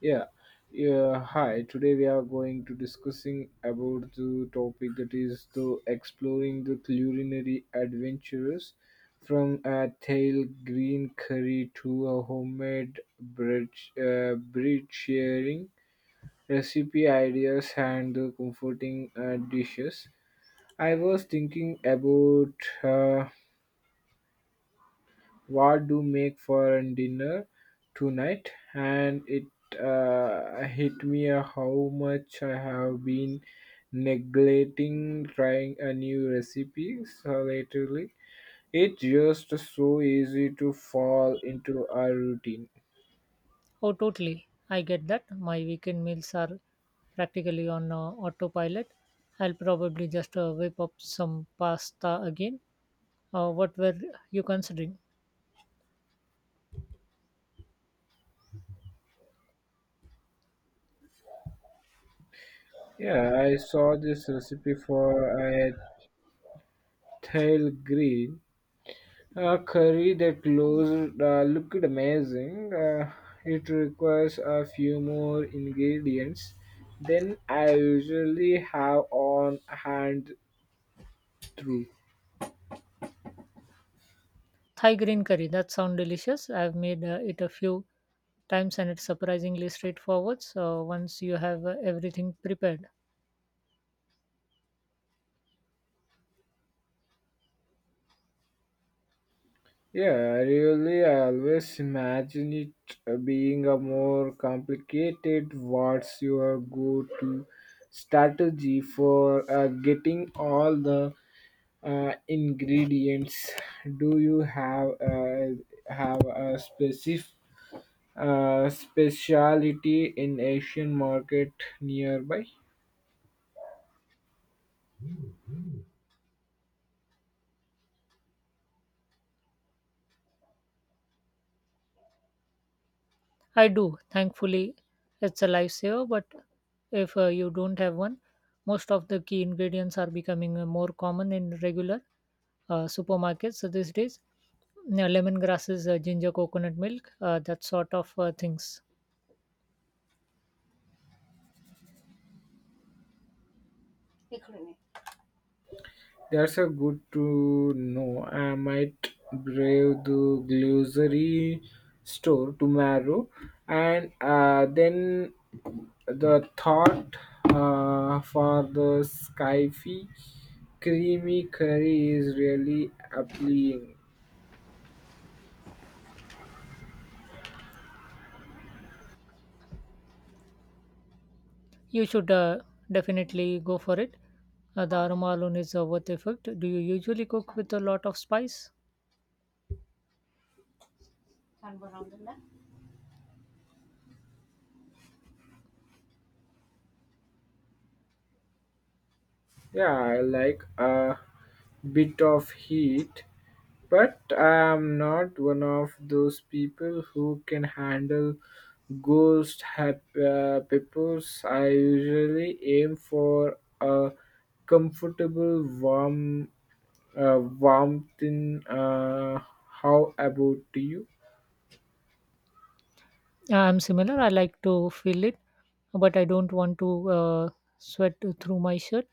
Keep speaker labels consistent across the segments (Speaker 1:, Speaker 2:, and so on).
Speaker 1: Yeah. Yeah, hi. Today we are going to discussing about the topic that is the exploring the culinary adventures from a tail green curry to a homemade bread bread sharing recipe ideas and the comforting dishes. I was thinking about what do make for an dinner tonight and it hit me, how much I have been neglecting trying a new recipe so lately it's just so easy to fall into a routine.
Speaker 2: Oh, totally. I get that. My weekend meals are practically on autopilot. I'll probably just whip up some pasta again. What were you considering?
Speaker 1: Yeah, I saw this recipe for a tail grill. A curry that closed looked amazing. It requires a few more ingredients than I usually have on hand through.
Speaker 2: Thai green curry. That sounds delicious. I've made it a few times and it's surprisingly straightforward. So once you have everything prepared.
Speaker 1: Yeah, really, I really always imagine it being a more complicated. What's your go-to strategy for getting all the ingredients? Do you have have a specific specialty in Asian market nearby.
Speaker 2: I do. Thankfully, it's a lifesaver, but if you don't have one, most of the key ingredients are becoming more common in regular supermarkets these days. Lemongrasses, ginger, coconut milk, that sort of things.
Speaker 1: That's a good to know. I might brave the grocery store tomorrow, and then the thought for the skyfi creamy curry is really appealing.
Speaker 2: You should definitely go for it. The aroma alone is worth the effort. Do you usually cook with a lot of spice?
Speaker 1: Yeah, I like a bit of heat. But I'm not one of those people who can handle peppers. I usually aim for a comfortable warm warmth in. How about you?
Speaker 2: I'm similar. I like to feel it, but I don't want to sweat through my shirt.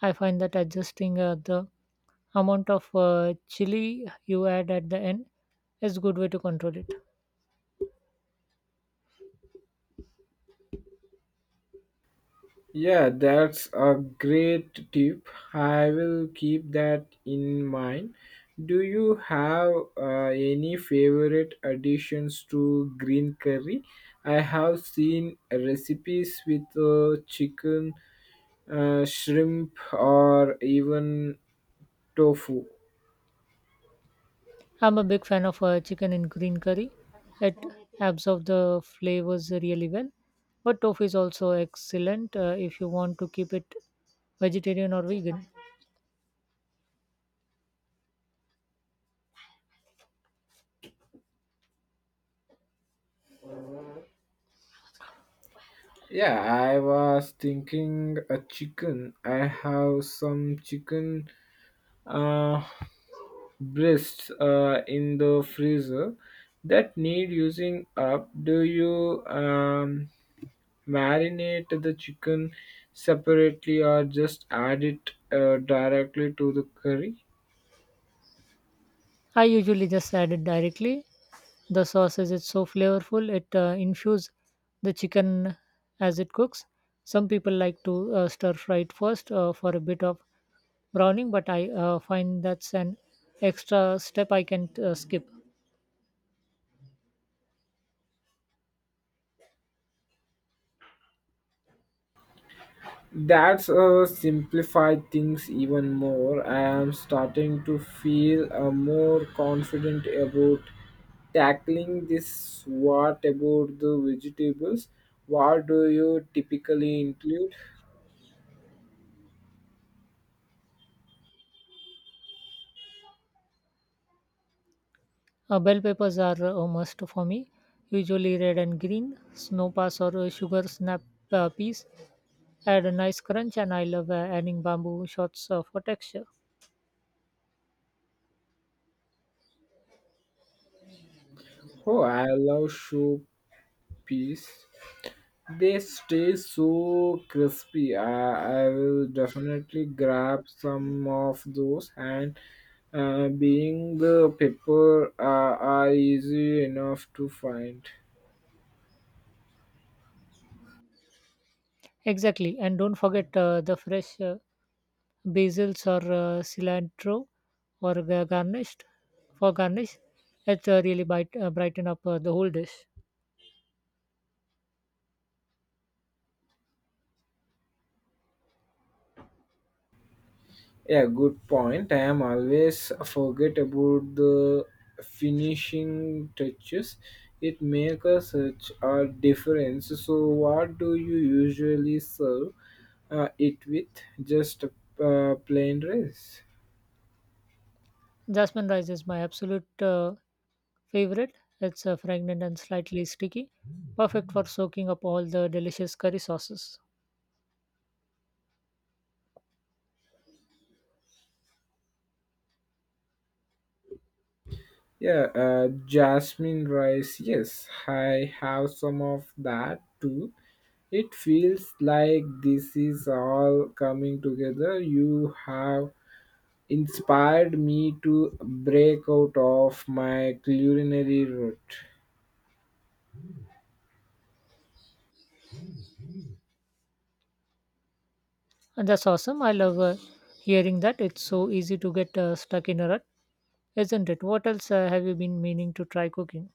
Speaker 2: I find that adjusting the amount of chili you add at the end is good way to control it.
Speaker 1: Yeah, that's a great tip. I will keep that in mind. Do you have any favorite additions to green curry? I have seen recipes with chicken, shrimp, or even tofu.
Speaker 2: I'm a big fan of chicken in green curry. It absorbs the flavors really well. But tofu is also excellent if you want to keep it vegetarian or vegan.
Speaker 1: Yeah, I was thinking a chicken. I have some chicken. Uh, Breasts in the freezer that need using up. Do you marinate the chicken separately or just add it directly to the curry?
Speaker 2: I usually just add it directly. The sausage is so flavorful, it infuses the chicken as it cooks. Some people like to stir fry it first for a bit of browning, but I find that's an extra step I can skip.
Speaker 1: That's simplified things even more. I am starting to feel more confident about tackling this. What about the vegetables, what do you typically include?
Speaker 2: Bell peppers are a must for me, usually red and green. Snow pass or sugar snap peas add a nice crunch, and I love adding bamboo shots for texture.
Speaker 1: Oh, I love soup piece. They stay so crispy. I will definitely grab some of those, and being the paper are easy enough to find.
Speaker 2: Exactly, and don't forget the fresh basils or cilantro or ga- garnished for garnish. It brighten up the whole dish.
Speaker 1: Yeah, good point. I am always forget about the finishing touches. It make a such a difference. So, what do you usually serve it with? Just plain rice.
Speaker 2: Jasmine rice is my absolute favorite. It's fragrant and slightly sticky, perfect for soaking up all the delicious curry sauces.
Speaker 1: Yeah, jasmine rice. Yes, I have some of that too. It feels like this is all coming together. You have inspired me to break out of my culinary route.
Speaker 2: And that's awesome. I love hearing that. It's so easy to get stuck in a rut, isn't it? What else have you been meaning to try cooking?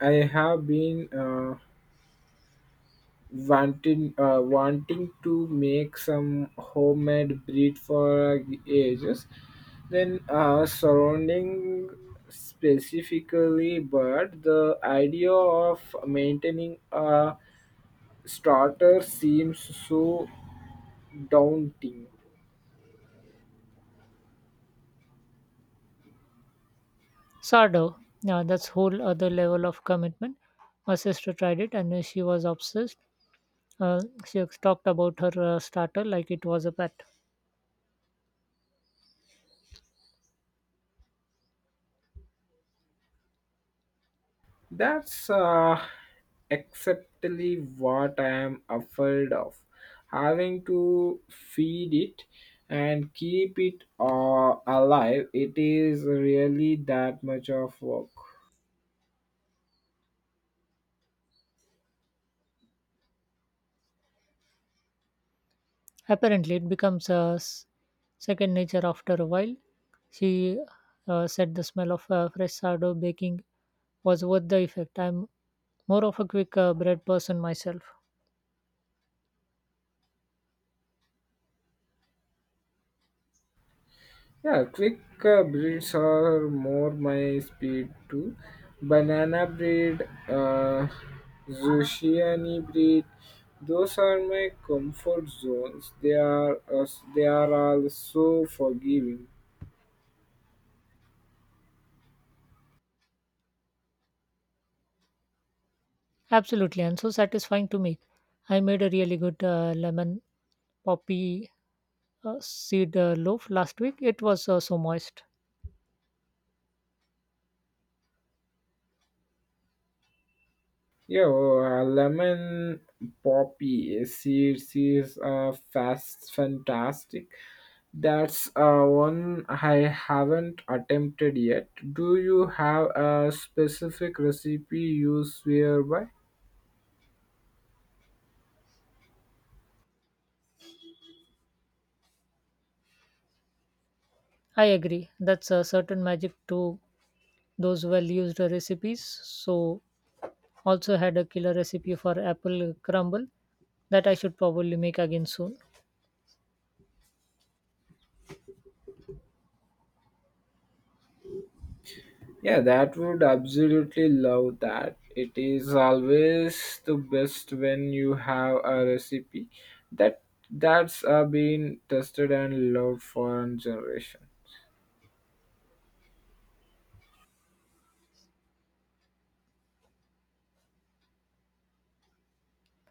Speaker 1: I have been wanting to make some homemade breed for ages, then surrounding specifically bird the idea of maintaining a starter seems so daunting.
Speaker 2: Sardo. Now that's whole other level of commitment. My sister tried it and she was obsessed. Uh, she talked about her starter like it was a pet.
Speaker 1: That's exactly what I am afraid of. Having to feed it and keep it alive, it is really that much of work.
Speaker 2: Apparently, it becomes a second nature after a while. She said the smell of fresh sardo baking was worth the effect. I'm more of a quick bread person myself.
Speaker 1: Yeah, quick breeds are more my speed too. Banana breed, uh, Zushiani breed, those are my comfort zones. They are all so forgiving.
Speaker 2: Absolutely, and so satisfying to make. I made a really good lemon poppy seed loaf last week. It was so moist.
Speaker 1: Yeah, well, lemon poppy seeds is fast fantastic. That's one I haven't attempted yet. Do you have a specific recipe you swear by?
Speaker 2: I agree. That's a certain magic to those well used recipes. So, also had a killer recipe for apple crumble that I should probably make again soon.
Speaker 1: Yeah, that would absolutely love that. It is always the best when you have a recipe that that's been tested and loved for a generation.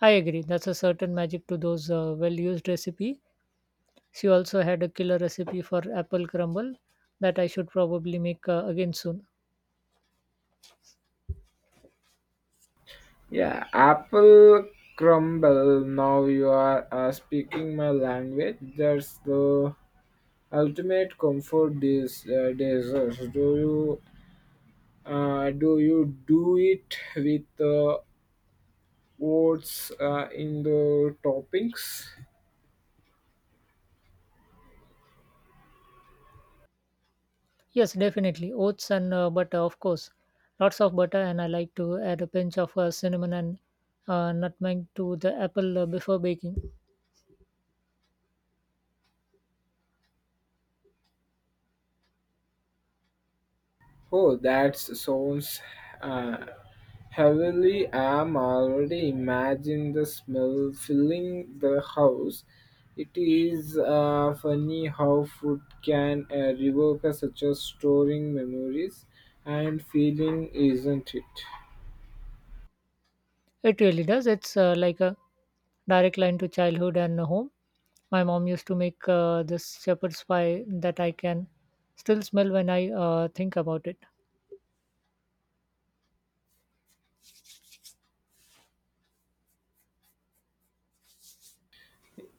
Speaker 2: I agree. That's a certain magic to those well used recipe. She also had a killer recipe for apple crumble that I should probably make again soon.
Speaker 1: Yeah, apple crumble. Now you are speaking my language. That's the ultimate comfort desserts. Do you do it with oats in the toppings?
Speaker 2: Yes, definitely. Oats and butter, of course. Lots of butter, and I like to add a pinch of cinnamon and nutmeg to the apple before baking.
Speaker 1: Oh, that sounds uh, heavily. I'm already imagining the smell filling the house. It is funny how food can evoke such a storing memories and feeling, isn't it?
Speaker 2: It really does. It's like a direct line to childhood and home. My mom used to make this shepherd's pie that I can still smell when I think about it.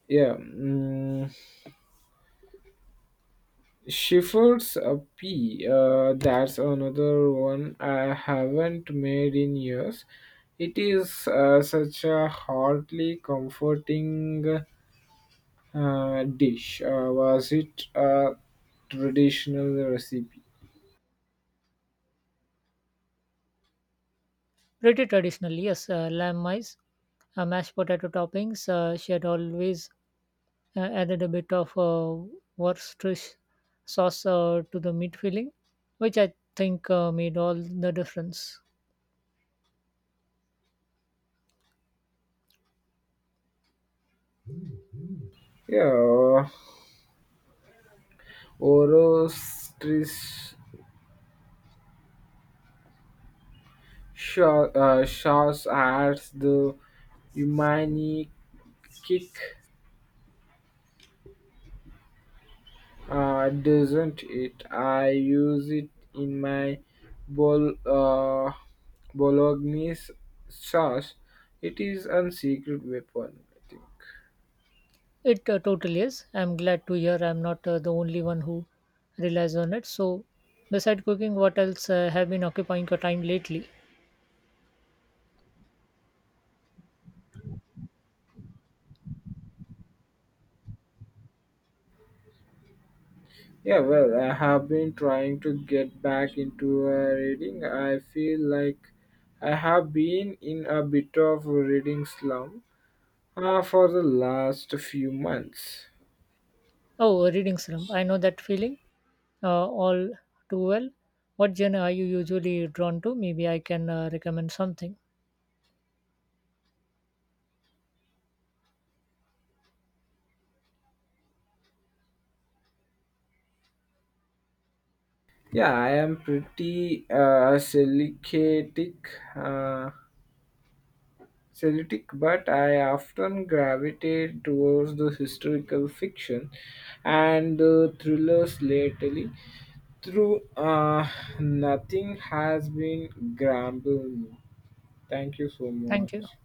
Speaker 1: Yeah. Shepherd's pea, that's another one I haven't made in years. It is such a heartily comforting dish. Was it a traditional recipe?
Speaker 2: Pretty traditional, yes. Lamb mice, mashed potato toppings. She had always added a bit of Worcestershire sauce to the meat filling, which I think made all the difference.
Speaker 1: Yeah, Orostris sauce adds the umami kick, doesn't it? I use it in my bol uh, bolognese sauce. It is a secret weapon, I think.
Speaker 2: It totally is. I'm glad to hear I'm not the only one who relies on it. So, besides cooking, what else have been occupying your time lately?
Speaker 1: Yeah, well, I have been trying to get back into reading. I feel like I have been in a bit of a reading slump for the last few months.
Speaker 2: Oh, reading slump. I know that feeling all too well. What genre are you usually drawn to? Maybe I can recommend something.
Speaker 1: Yeah, I am pretty selective. Uh, Celtic, but I often gravitate towards the historical fiction and the thrillers lately. Through nothing has been grumbling. Thank you so
Speaker 2: Thank you.
Speaker 1: much.